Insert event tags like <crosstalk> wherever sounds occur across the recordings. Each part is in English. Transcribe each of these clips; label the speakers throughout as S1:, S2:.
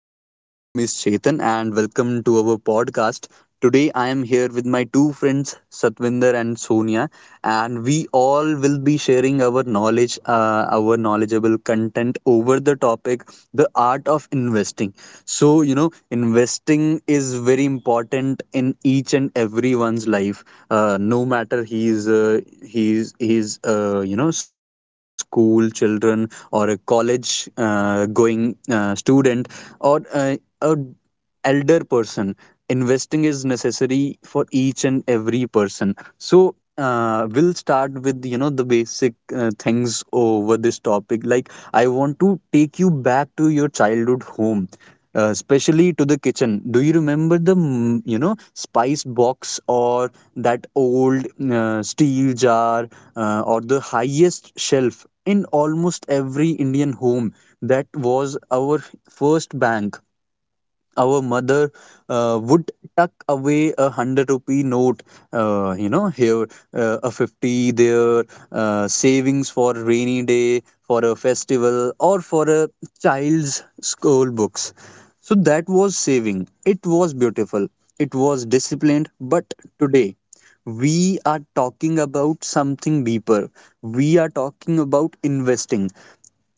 S1: My name is Chetan and welcome to our podcast. Today I am here with my two friends Satvinder and Sonia, and we all will be sharing our knowledgeable content over the topic, the art of investing. so you know Investing is very important in each and everyone's life, no matter he's school children, or a college, going student, or a elder person. Investing is necessary for each and every person. We'll start with the basic things over this topic. Like, I want to take you back to your childhood home, especially to the kitchen. Do you remember the spice box, or that old steel jar, or the highest shelf in almost every Indian home? That was our first bank. Our mother would tuck away a hundred rupee note, here, a 50 there, savings for rainy day, for a festival, or for a child's school books. So that was saving. It was beautiful. It was disciplined. But today, we are talking about something deeper. We are talking about investing.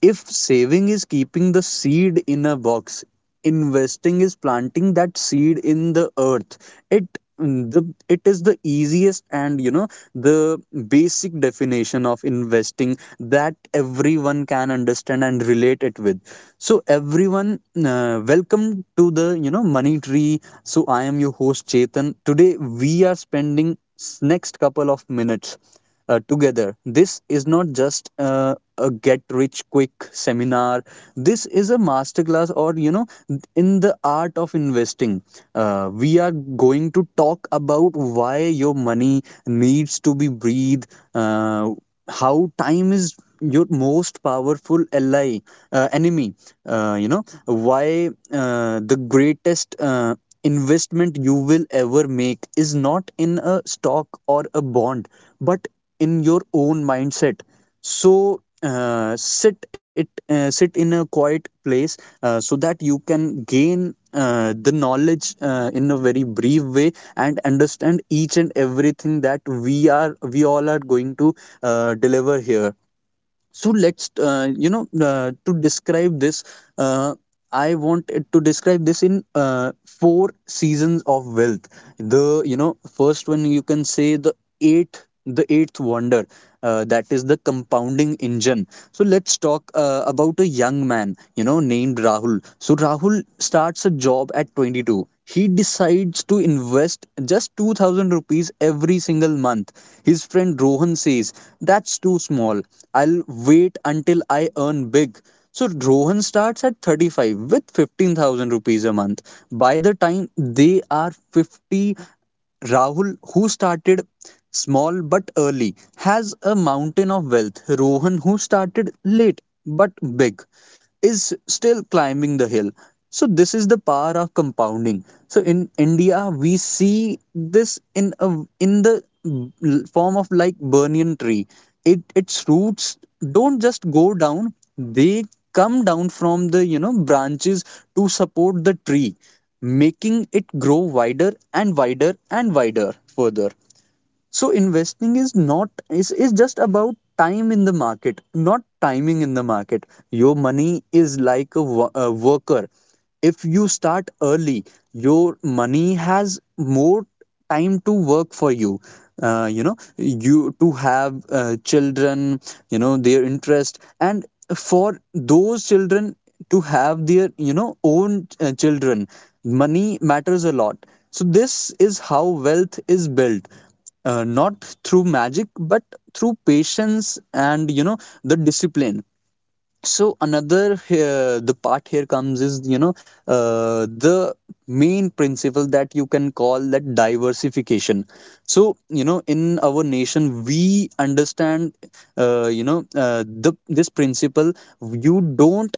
S1: If saving is keeping the seed in a box, investing is planting that seed in the earth. It the it is the easiest and, you know the basic definition of investing that everyone can understand and relate it with. So everyone, welcome to the money tree. So I am your host Chetan. Today we are next couple of minutes together. This is not just a get rich quick seminar. This is a masterclass, or you know, in the art of investing. We are going to talk about why your money needs to be breathed, uh, how time is your most powerful ally, enemy. Why the greatest investment you will ever make is not in a stock or a bond, but in your own mindset. So sit in a quiet place so that you can gain the knowledge in a very brief way, and understand each and everything that we all are going to deliver here. So let's you know to describe this, uh, I want it to describe this in four seasons of wealth. The first one, you can say, the eighth wonder, that is the compounding engine. So let's talk about a young man named Rahul. So Rahul starts a job at 22. He decides to invest just 2000 rupees every single month. His friend Rohan says, "That's too small. I'll wait until I earn big." So Rohan starts at 35 with 15,000 rupees a month. By the time they are 50, Rahul, who started small but early, has a mountain of wealth. Rohan, who started late but big, is still climbing the hill. So this is the power of compounding. So in India, we see this in a in the form of like banyan tree. It its roots don't just go down; they come down from the branches to support the tree, making it grow wider and wider and wider further. So investing is not is, is just about time in the market, not timing in the market. Your money is like a worker. If you start early, your money has more time to work for you. You to have children, their interest, and for those children to have their, you know, own children, money matters a lot. So this is how wealth is built, not through magic but through patience and the discipline. So another the part here comes is, the main principle that you can call that diversification. So in our nation we understand you know the this principle. You don't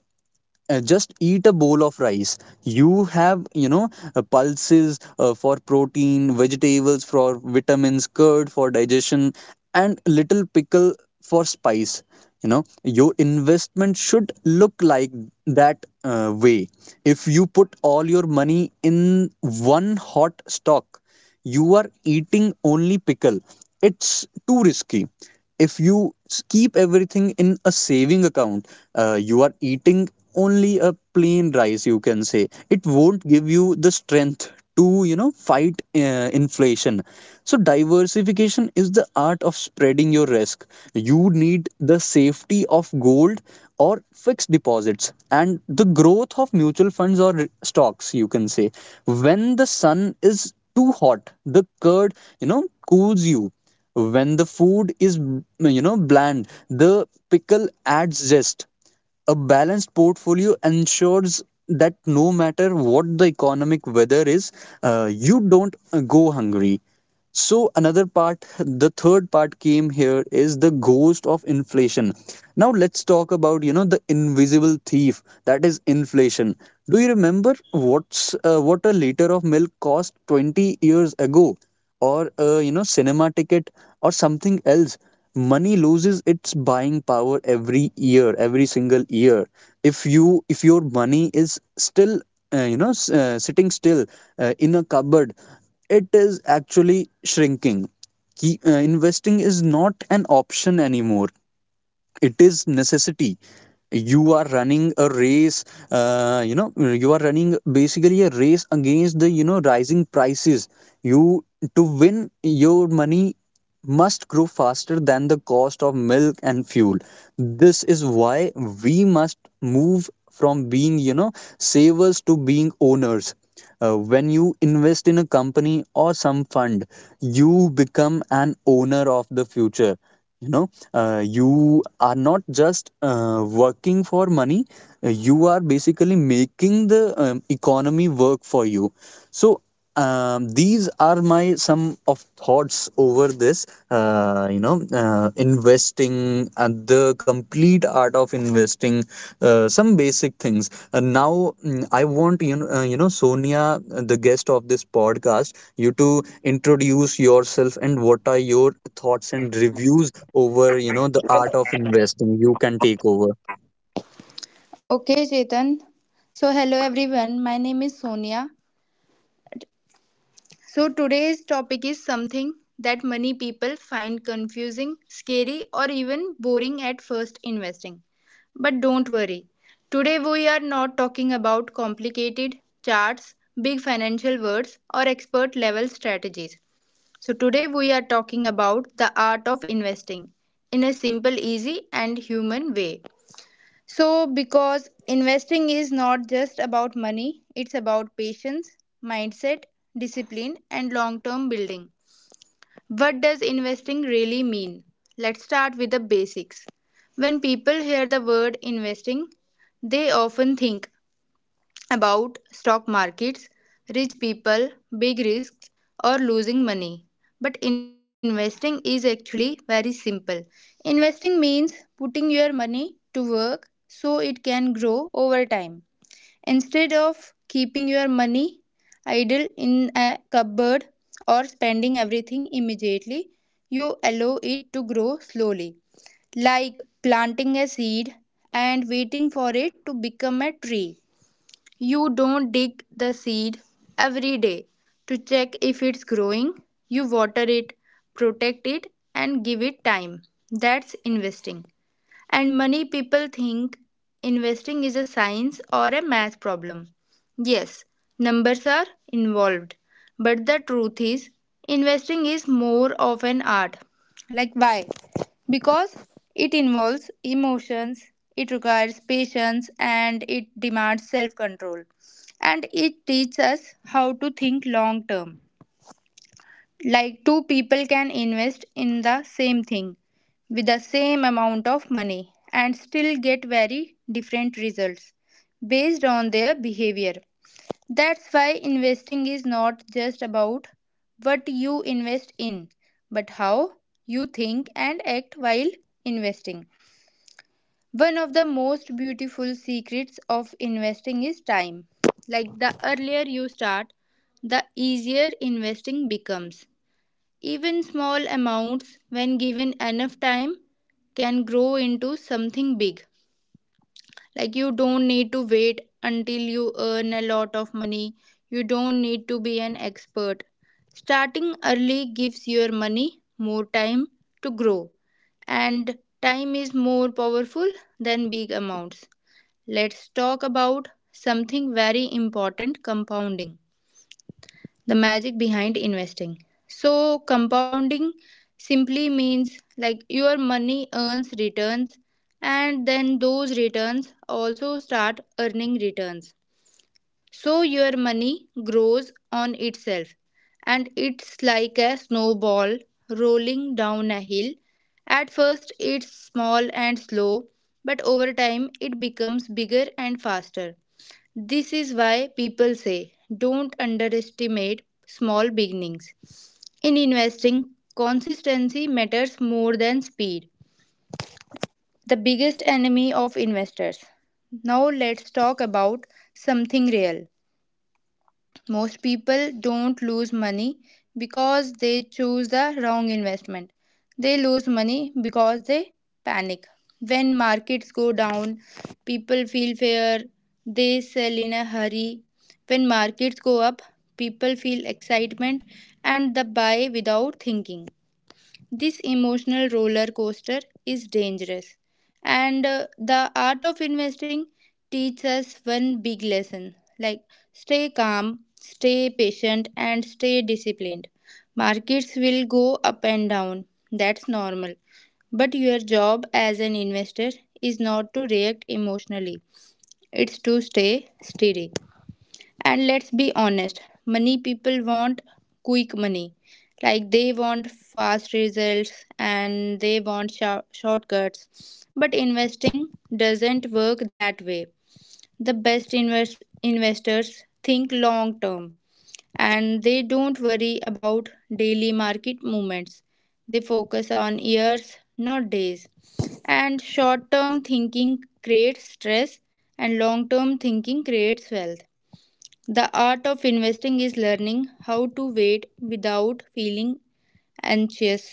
S1: just eat a bowl of rice. You have pulses for protein, vegetables for vitamins, curd for digestion, and little pickle for spice. You know, your investment should look like that way. If you put all your money in one hot stock, you are eating only pickle. It's too risky. If you keep everything in a saving account, you are eating only a plain rice, you can say. It won't give you the strength to fight inflation. So diversification is the art of spreading your risk. You need the safety of gold or fixed deposits, and the growth of mutual funds or stocks, you can say. When the sun is too hot, the curd you know cools you. When the food is bland, the pickle adds zest. A balanced portfolio ensures that no matter what the economic weather is, you don't go hungry. So another part, the third part came here is the ghost of inflation. Now let's talk about the invisible thief, that is inflation. Do you remember what a liter of milk cost 20 years ago, or cinema ticket or something else? Money loses its buying power every year, every single year. If your money is still sitting still in a cupboard, it is actually shrinking. Investing is not an option anymore, it is necessity. You are running a race, you are running basically a race against the rising prices. You, to win, your money must grow faster than the cost of milk and fuel. This is why we must move from being savers to being owners. When you invest in a company or some fund, you become an owner of the future. You are not just working for money, you are basically making the economy work for you. So these are my some of thoughts over this, investing and the complete art of investing, some basic things. And now, mm, I want you know Sonia, the guest of this podcast, you to introduce yourself, and what are your thoughts and reviews over the art of investing. You can take over.
S2: Okay, Chetan. So, hello everyone. My name is Sonia. So, today's topic is something that many people find confusing, scary, or even boring at first investing. But don't worry. Today, we are not talking about complicated charts, big financial words, or expert level strategies. So, today, we are talking about the art of investing in a simple, easy, and human way. So, because investing is not just about money, it's about patience, mindset, discipline, and long term building. What does investing really mean? Let's start with the basics. When people hear the word investing, they often think about stock markets, rich people, big risks, or losing money, but investing is actually very simple. Investing means putting your money to work so it can grow over time. Instead of keeping your money idle in a cupboard or spending everything immediately, you allow it to grow slowly, like planting a seed and waiting for it to become a tree. You don't dig the seed every day to check if it's growing. You water it, protect it, and give it time. That's investing. And many people think investing is a science or a math problem. Yes, numbers are involved. But the truth is, investing is more of an art. Like, why? Because it involves emotions, it requires patience, and it demands self control. And it teaches us how to think long term, like two people can invest in the same thing with the same amount of money and still get very different results based on their behavior. That's why investing is not just about what you invest in, but how you think and act while investing. One of the most beautiful secrets of investing is time. Like, the earlier you start, the easier investing becomes. Even small amounts, when given enough time, can grow into something big. Like, you don't need to wait until you earn a lot of money. You don't need to be an expert. Starting early gives your money more time to grow, and time is more powerful than big amounts. Let's talk about something very important, compounding, the magic behind investing. So, compounding simply means like your money earns returns and then those returns also start earning returns. So, your money grows on itself, and it's like a snowball rolling down a hill. At first, it's small and slow, but over time, it becomes bigger and faster. This is why people say don't underestimate small beginnings. In investing, consistency matters more than speed, the biggest enemy of investors. Now let's talk about something real. Most people don't lose money because they choose the wrong investment. They lose money because they panic. When markets go down, people feel fear, they sell in a hurry. When markets go up, people feel excitement and the buy without thinking. This emotional roller coaster is dangerous, and the art of investing teaches us one big lesson, like stay calm, stay patient, and stay disciplined. Markets will go up and down, that's normal. But your job as an investor is not to react emotionally, it's to stay steady. And let's be honest, money people want quick money. Like, they want fast results and they want shortcuts. But investing doesn't work that way. The best investors think long term, and they don't worry about daily market movements. They focus on years, not days. And short term thinking creates stress and long term thinking creates wealth. The art of investing is learning how to wait without feeling anxious.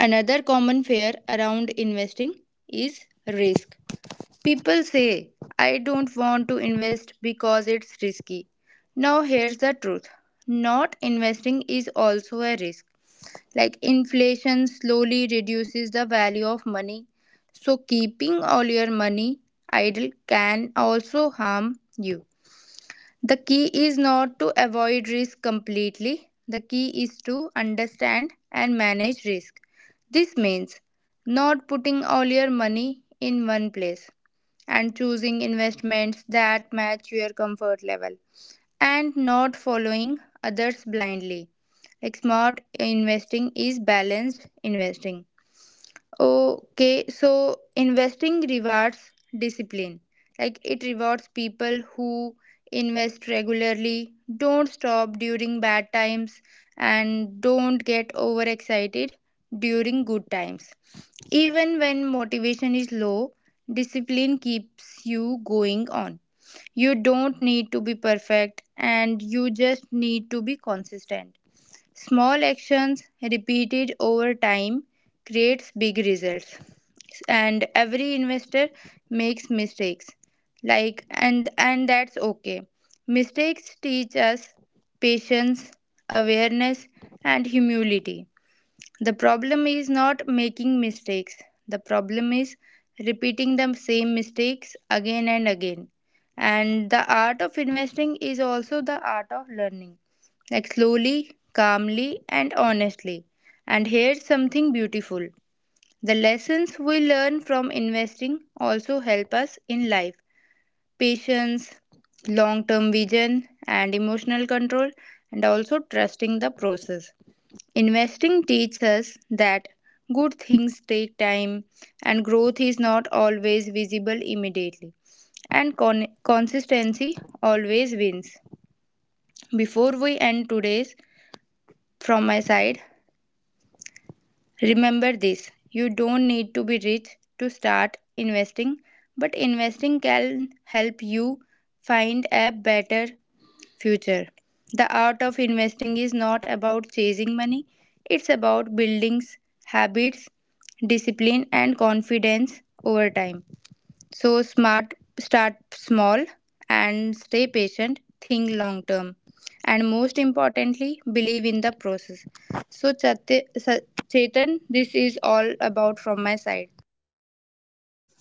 S2: Another common fear around investing is risk. People say, I don't want to invest because it's risky. Now, here's the truth, not investing is also a risk. Like, inflation slowly reduces the value of money, so keeping all your money idle can also harm you. The key is not to avoid risk completely. The key is to understand and manage risk. This means not putting all your money in one place, and choosing investments that match your comfort level, and not following others blindly. Like, smart investing is balanced investing. Okay, so investing rewards discipline. Like, it rewards people who invest regularly, don't stop during bad times, and don't get overexcited during good times. Even when motivation is low, discipline keeps you going on. You don't need to be perfect, and you just need to be consistent. Small actions repeated over time creates big results. And every investor makes mistakes. Like, and that's okay. Mistakes teach us patience, awareness and humility. The problem is not making mistakes. The problem is repeating the same mistakes again and again. And the art of investing is also the art of learning, like slowly, calmly, and honestly. And here's something beautiful, the lessons we learn from investing also help us in life, patience, long term vision, and emotional control, and also trusting the process. Investing teaches us that good things take time and growth is not always visible immediately, and consistency always wins. Before we end today's, from my side, remember this, you don't need to be rich to start investing, but investing can help you find a better future. The art of investing is not about chasing money, it's about building habits, discipline, and confidence over time. So, smart, start small and stay patient, think long term, and most importantly, believe in the process. So, Chetan, this is all about from my side.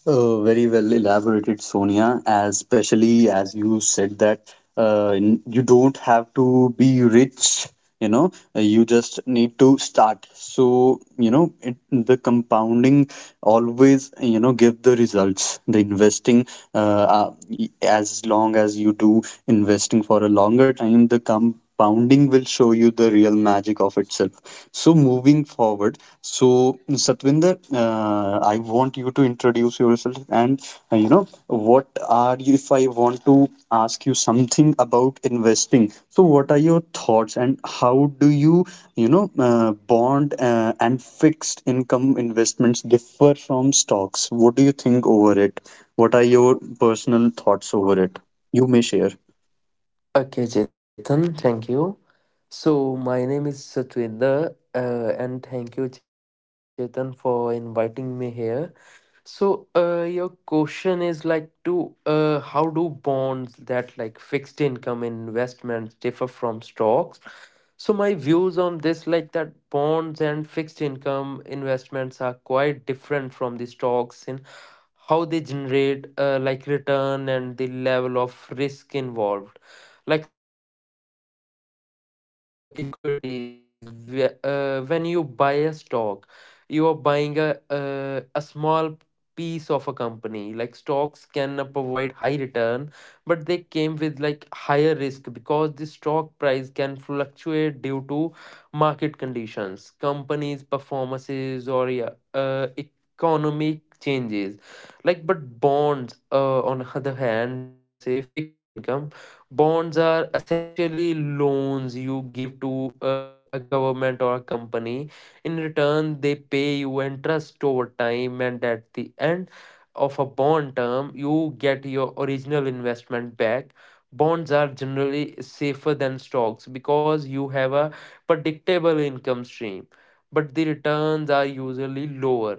S1: Very well elaborated, Sonia. As especially as you said that, you don't have to be rich, you know, you just need to start. So, you know, the compounding always, you know, give the results. The investing, uh, as long as you do investing for a longer time, the compounding will show you the real magic of itself. So, moving forward, so Satvinder, I want you to introduce yourself. And you know what are you if I want to ask you something about investing, so what are your thoughts, and how do you you know bond and fixed income investments differ from stocks? What do you think over it? What are your personal thoughts over it? You may share.
S3: Okay, Chetan, thank you. So, my name is Satwinder, and thank you, Chetan, for inviting me here. So, your question is like to how do bonds that like fixed income investments differ from stocks? So my views on this, like that bonds and fixed income investments are quite different from the stocks in how they generate like return and the level of risk involved. Like stocks, equities, when you buy a stock, you are buying a small piece of a company. Like stocks can provide high return, but they came with like higher risk because the stock price can fluctuate due to market conditions, companies' performances, or yeah, economic changes. Like, but bonds, on <laughs> other hand, we can say fixed income. Bonds are essentially loans you give to a government or a company. In return, they pay you interest over time, and at the end of a bond term, you get your original investment back. Bonds are generally safer than stocks because you have a predictable income stream, but the returns are usually lower.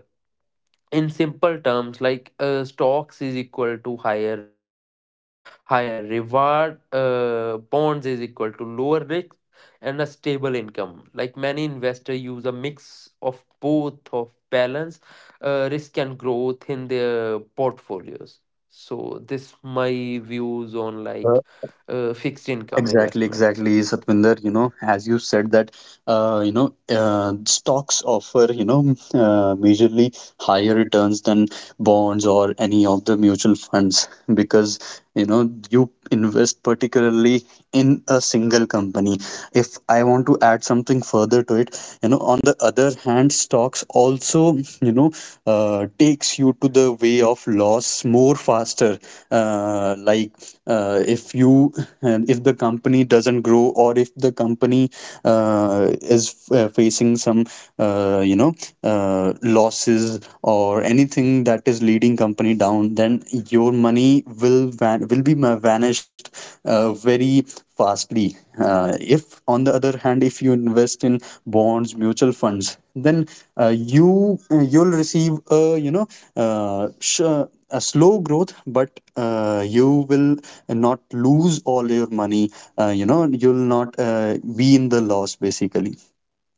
S3: In simple terms, like stocks is equal to higher risk, higher reward, bonds is equal to lower risk, and a stable income. Like many investors use a mix of both of balance, risk, and growth in their portfolios. So this my views on like fixed income
S1: Exactly, exactly,
S3: investments.
S1: Satvinder. You know, as you said that, stocks offer, you know, majorly higher returns than bonds or any of the mutual funds, because, you know, you invest particularly in a single company. If I want to add something further to it, you know, on the other hand, stocks also, you know, takes you to the way of loss more faster, like if you and if the company doesn't grow, or if the company is facing some uh, you know losses or anything that is leading company down, then your money will be vanished very fastly. If on the other hand, if you invest in bonds, mutual funds, then you'll receive a, you know, a slow growth, but you will not lose all your money. You'll not be in the loss basically.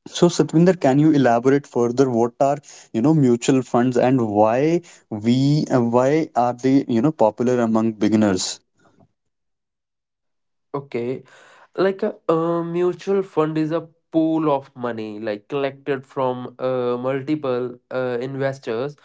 S1: So, Satvinder, can you elaborate further, what are, you know, mutual funds, and why we why are they, you know, popular among beginners?
S3: Okay. Like a, mutual fund is a pool of money like collected from multiple investors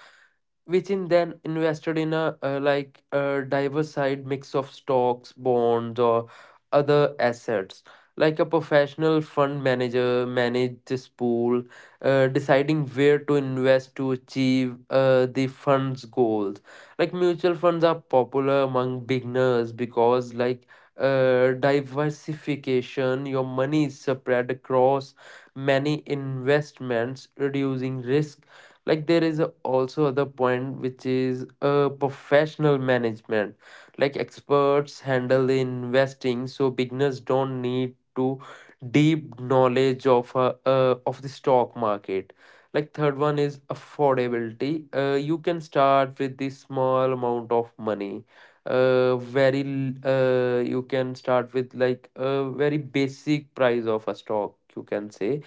S3: which in then invested in a like a diversified mix of stocks, bonds or other assets. Like a professional fund manager manage this pool, deciding where to invest to achieve the fund's goals. Like mutual funds are popular among beginners because like diversification. Your money is spread across many investments, reducing risk. Like there is also other point which is professional management. Like experts handle the investing, so beginners don't need to deep knowledge of the stock market. Like third one is affordability. You can start with the small amount of money. You can start with like a very basic price of a stock, you can say.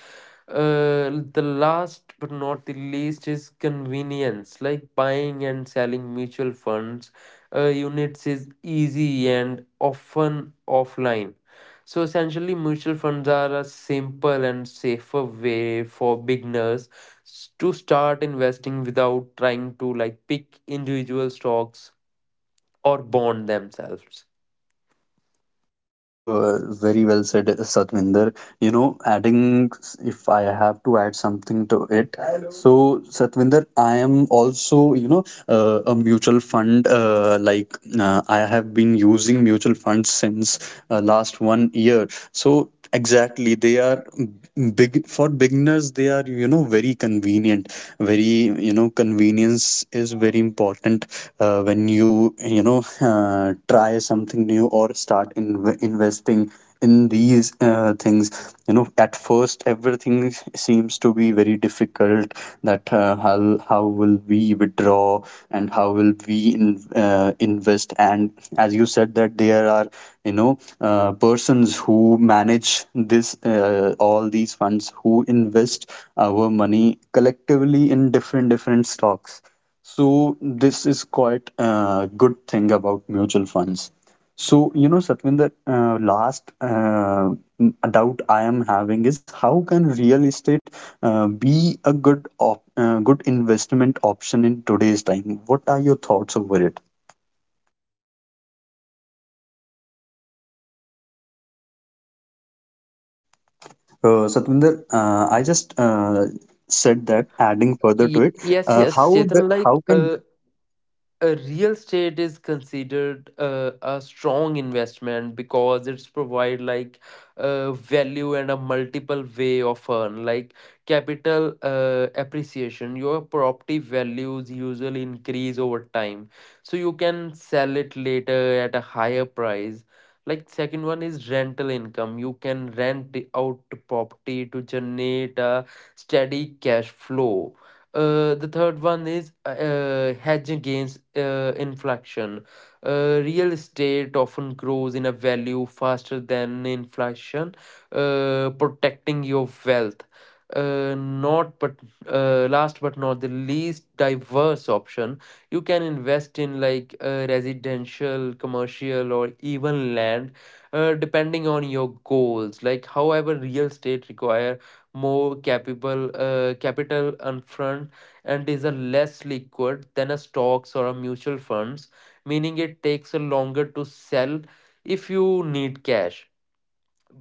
S3: The last but not the least is convenience. Like buying and selling mutual funds units is easy and often offline. So essentially mutual funds are a simple and safer way for beginners to start investing without trying to like pick individual stocks or bond themselves.
S1: Very well said, Satvinder. You know, adding, if I have to add something to it. So, Satvinder, I am also, you know, a mutual fund. I have been using mutual funds since last 1 year. So exactly, they are big for beginners. They are, you know, very convenient. Very, you know, convenience is very important when you know, try something new or start in investing in these things. You know, at first everything seems to be very difficult that how will we withdraw and how will we invest. And as you said that there are persons who manage this all these funds, who invest our money collectively in different stocks. So this is quite a good thing about mutual funds. So, you know, Satvinder, doubt I am having is, how can real estate be a good investment option in today's time? What are your thoughts over it? Satvinder, I just said that, adding further to
S3: Y-
S1: it,
S3: yes, yes,
S1: how the,
S3: Chetan. Like,
S1: how can…
S3: a real estate is considered a strong investment because it's provide like value and a multiple way of earn, like capital appreciation. Your property values usually increase over time, so you can sell it later at a higher price. Like second one is rental income. You can rent out property to generate a steady cash flow. The third one is hedge against inflation. Real estate often grows in a value faster than inflation, protecting your wealth. Not but Last but not the least, diverse option. You can invest in like residential, commercial or even land depending on your goals. Like however real estate requires more capable capital upfront and is a less liquid than a stocks or a mutual funds, meaning it takes a longer to sell if you need cash.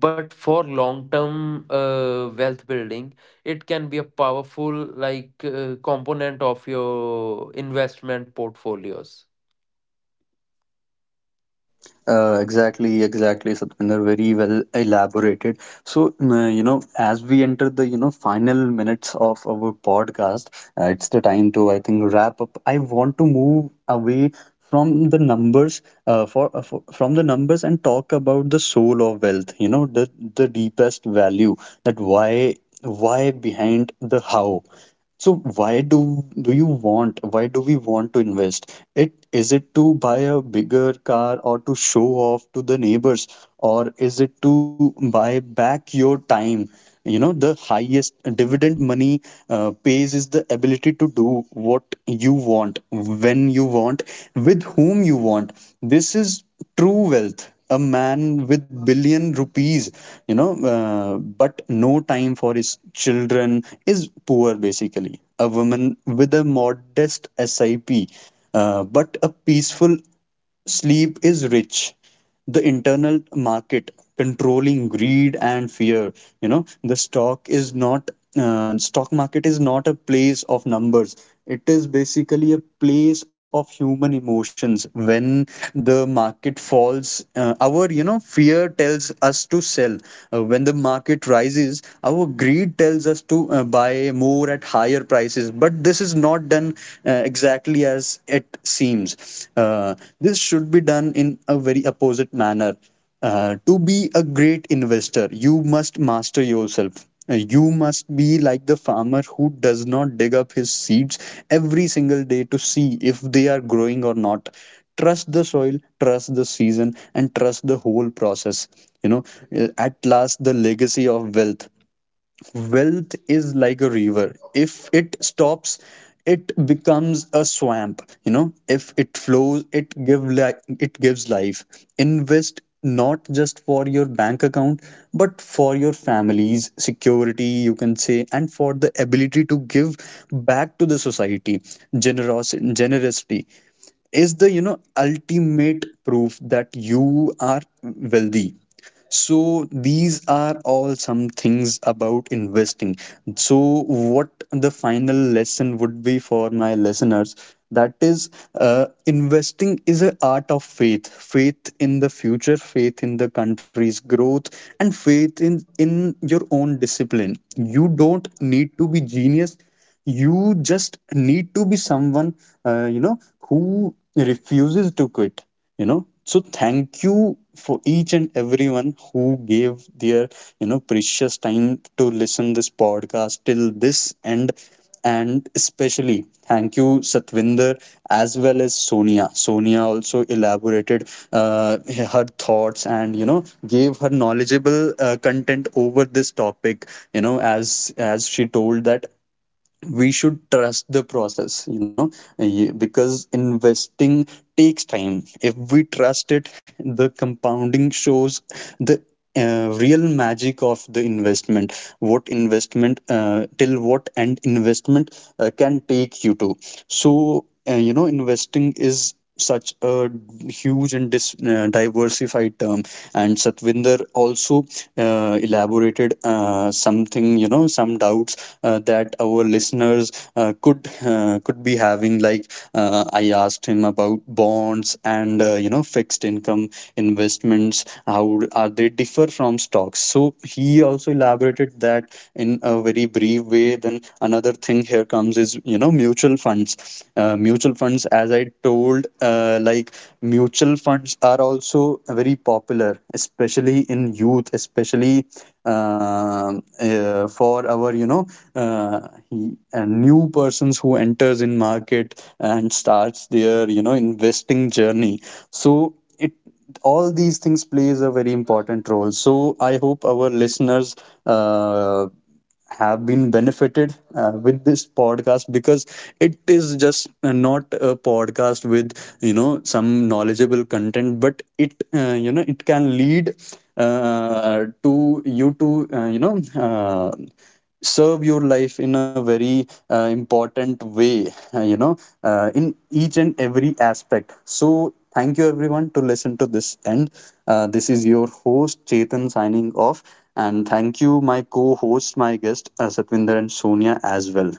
S3: But for long term wealth building, it can be a powerful like component of your investment portfolios.
S1: Exactly, exactly, Satvinder. Very well elaborated. So, you know, as we enter the, you know, final minutes of our podcast, it's the time to, I think, wrap up. I want to move away from the numbers, for from the numbers, and talk about the soul of wealth, you know, the deepest value, that why behind the how. So why do you want, why do we want to invest? It is it to buy a bigger car, or to show off to the neighbors, or is it to buy back your time? You know, the highest dividend money pays is the ability to do what you want, when you want, with whom you want. This is true wealth. A man with billion rupees, but no time for his children, is poor. Basically, a woman with a modest SIP, but a peaceful sleep, is rich. The internal market, controlling greed and fear. You know, the stock is not stock market is not a place of numbers, it is basically a place of human emotions. When the market falls, our you know fear tells us to sell. When the market rises, our greed tells us to buy more at higher prices. But this is not done exactly as it seems. Uh, this should be done in a very opposite manner. Uh, to be a great investor, you must master yourself. You must be like the farmer who does not dig up his seeds every single day to see if they are growing or not. Trust the soil, trust the season, and trust the whole process. You know, at last, the legacy of wealth. Wealth is like a river. If it stops, it becomes a swamp. You know, if it flows, it gives life. Invest not just for your bank account, but for your family's security, you can say, and for the ability to give back to the society. Generosity, generosity is the you know ultimate proof that you are wealthy. So these are all some things about investing. So what the final lesson would be for my listeners, that is, investing is an art of faith. Faith in the future, faith in the country's growth, and faith in your own discipline. You don't need to be genius, you just need to be someone, uh, you know who refuses to quit. You know, so thank you for each and everyone who gave their you know precious time to listen this podcast till this end. And especially thank you, Satvinder, as well as Sonia. Sonia also elaborated uh, her thoughts, and you know, gave her knowledgeable content over this topic. You know, as she told that we should trust the process. You know, because investing takes time, if we trust it, the compounding shows the real magic of the investment, what investment till what end investment can take you to. So you know, investing is such a huge and diversified term. And Satvinder also elaborated something, you know, some doubts that our listeners could be having, like I asked him about bonds and you know, fixed income investments, how are they differ from stocks. So he also elaborated that in a very brief way. Then another thing here comes is, you know, mutual funds. Uh, mutual funds, as I told like, mutual funds are also very popular, especially in youth, especially for our you know new persons who enters in market and starts their you know investing journey. So it, all these things plays a very important role. So I hope our listeners uh, have been benefited with this podcast, because it is just not a podcast with you know some knowledgeable content, but it you know, it can lead to you know serve your life in a very important way, you know, in each and every aspect. So thank you everyone to listen to this end. Uh, this is your host Chetan, signing off. And thank you my co-host, my guest, Satvinder and Sonia as well.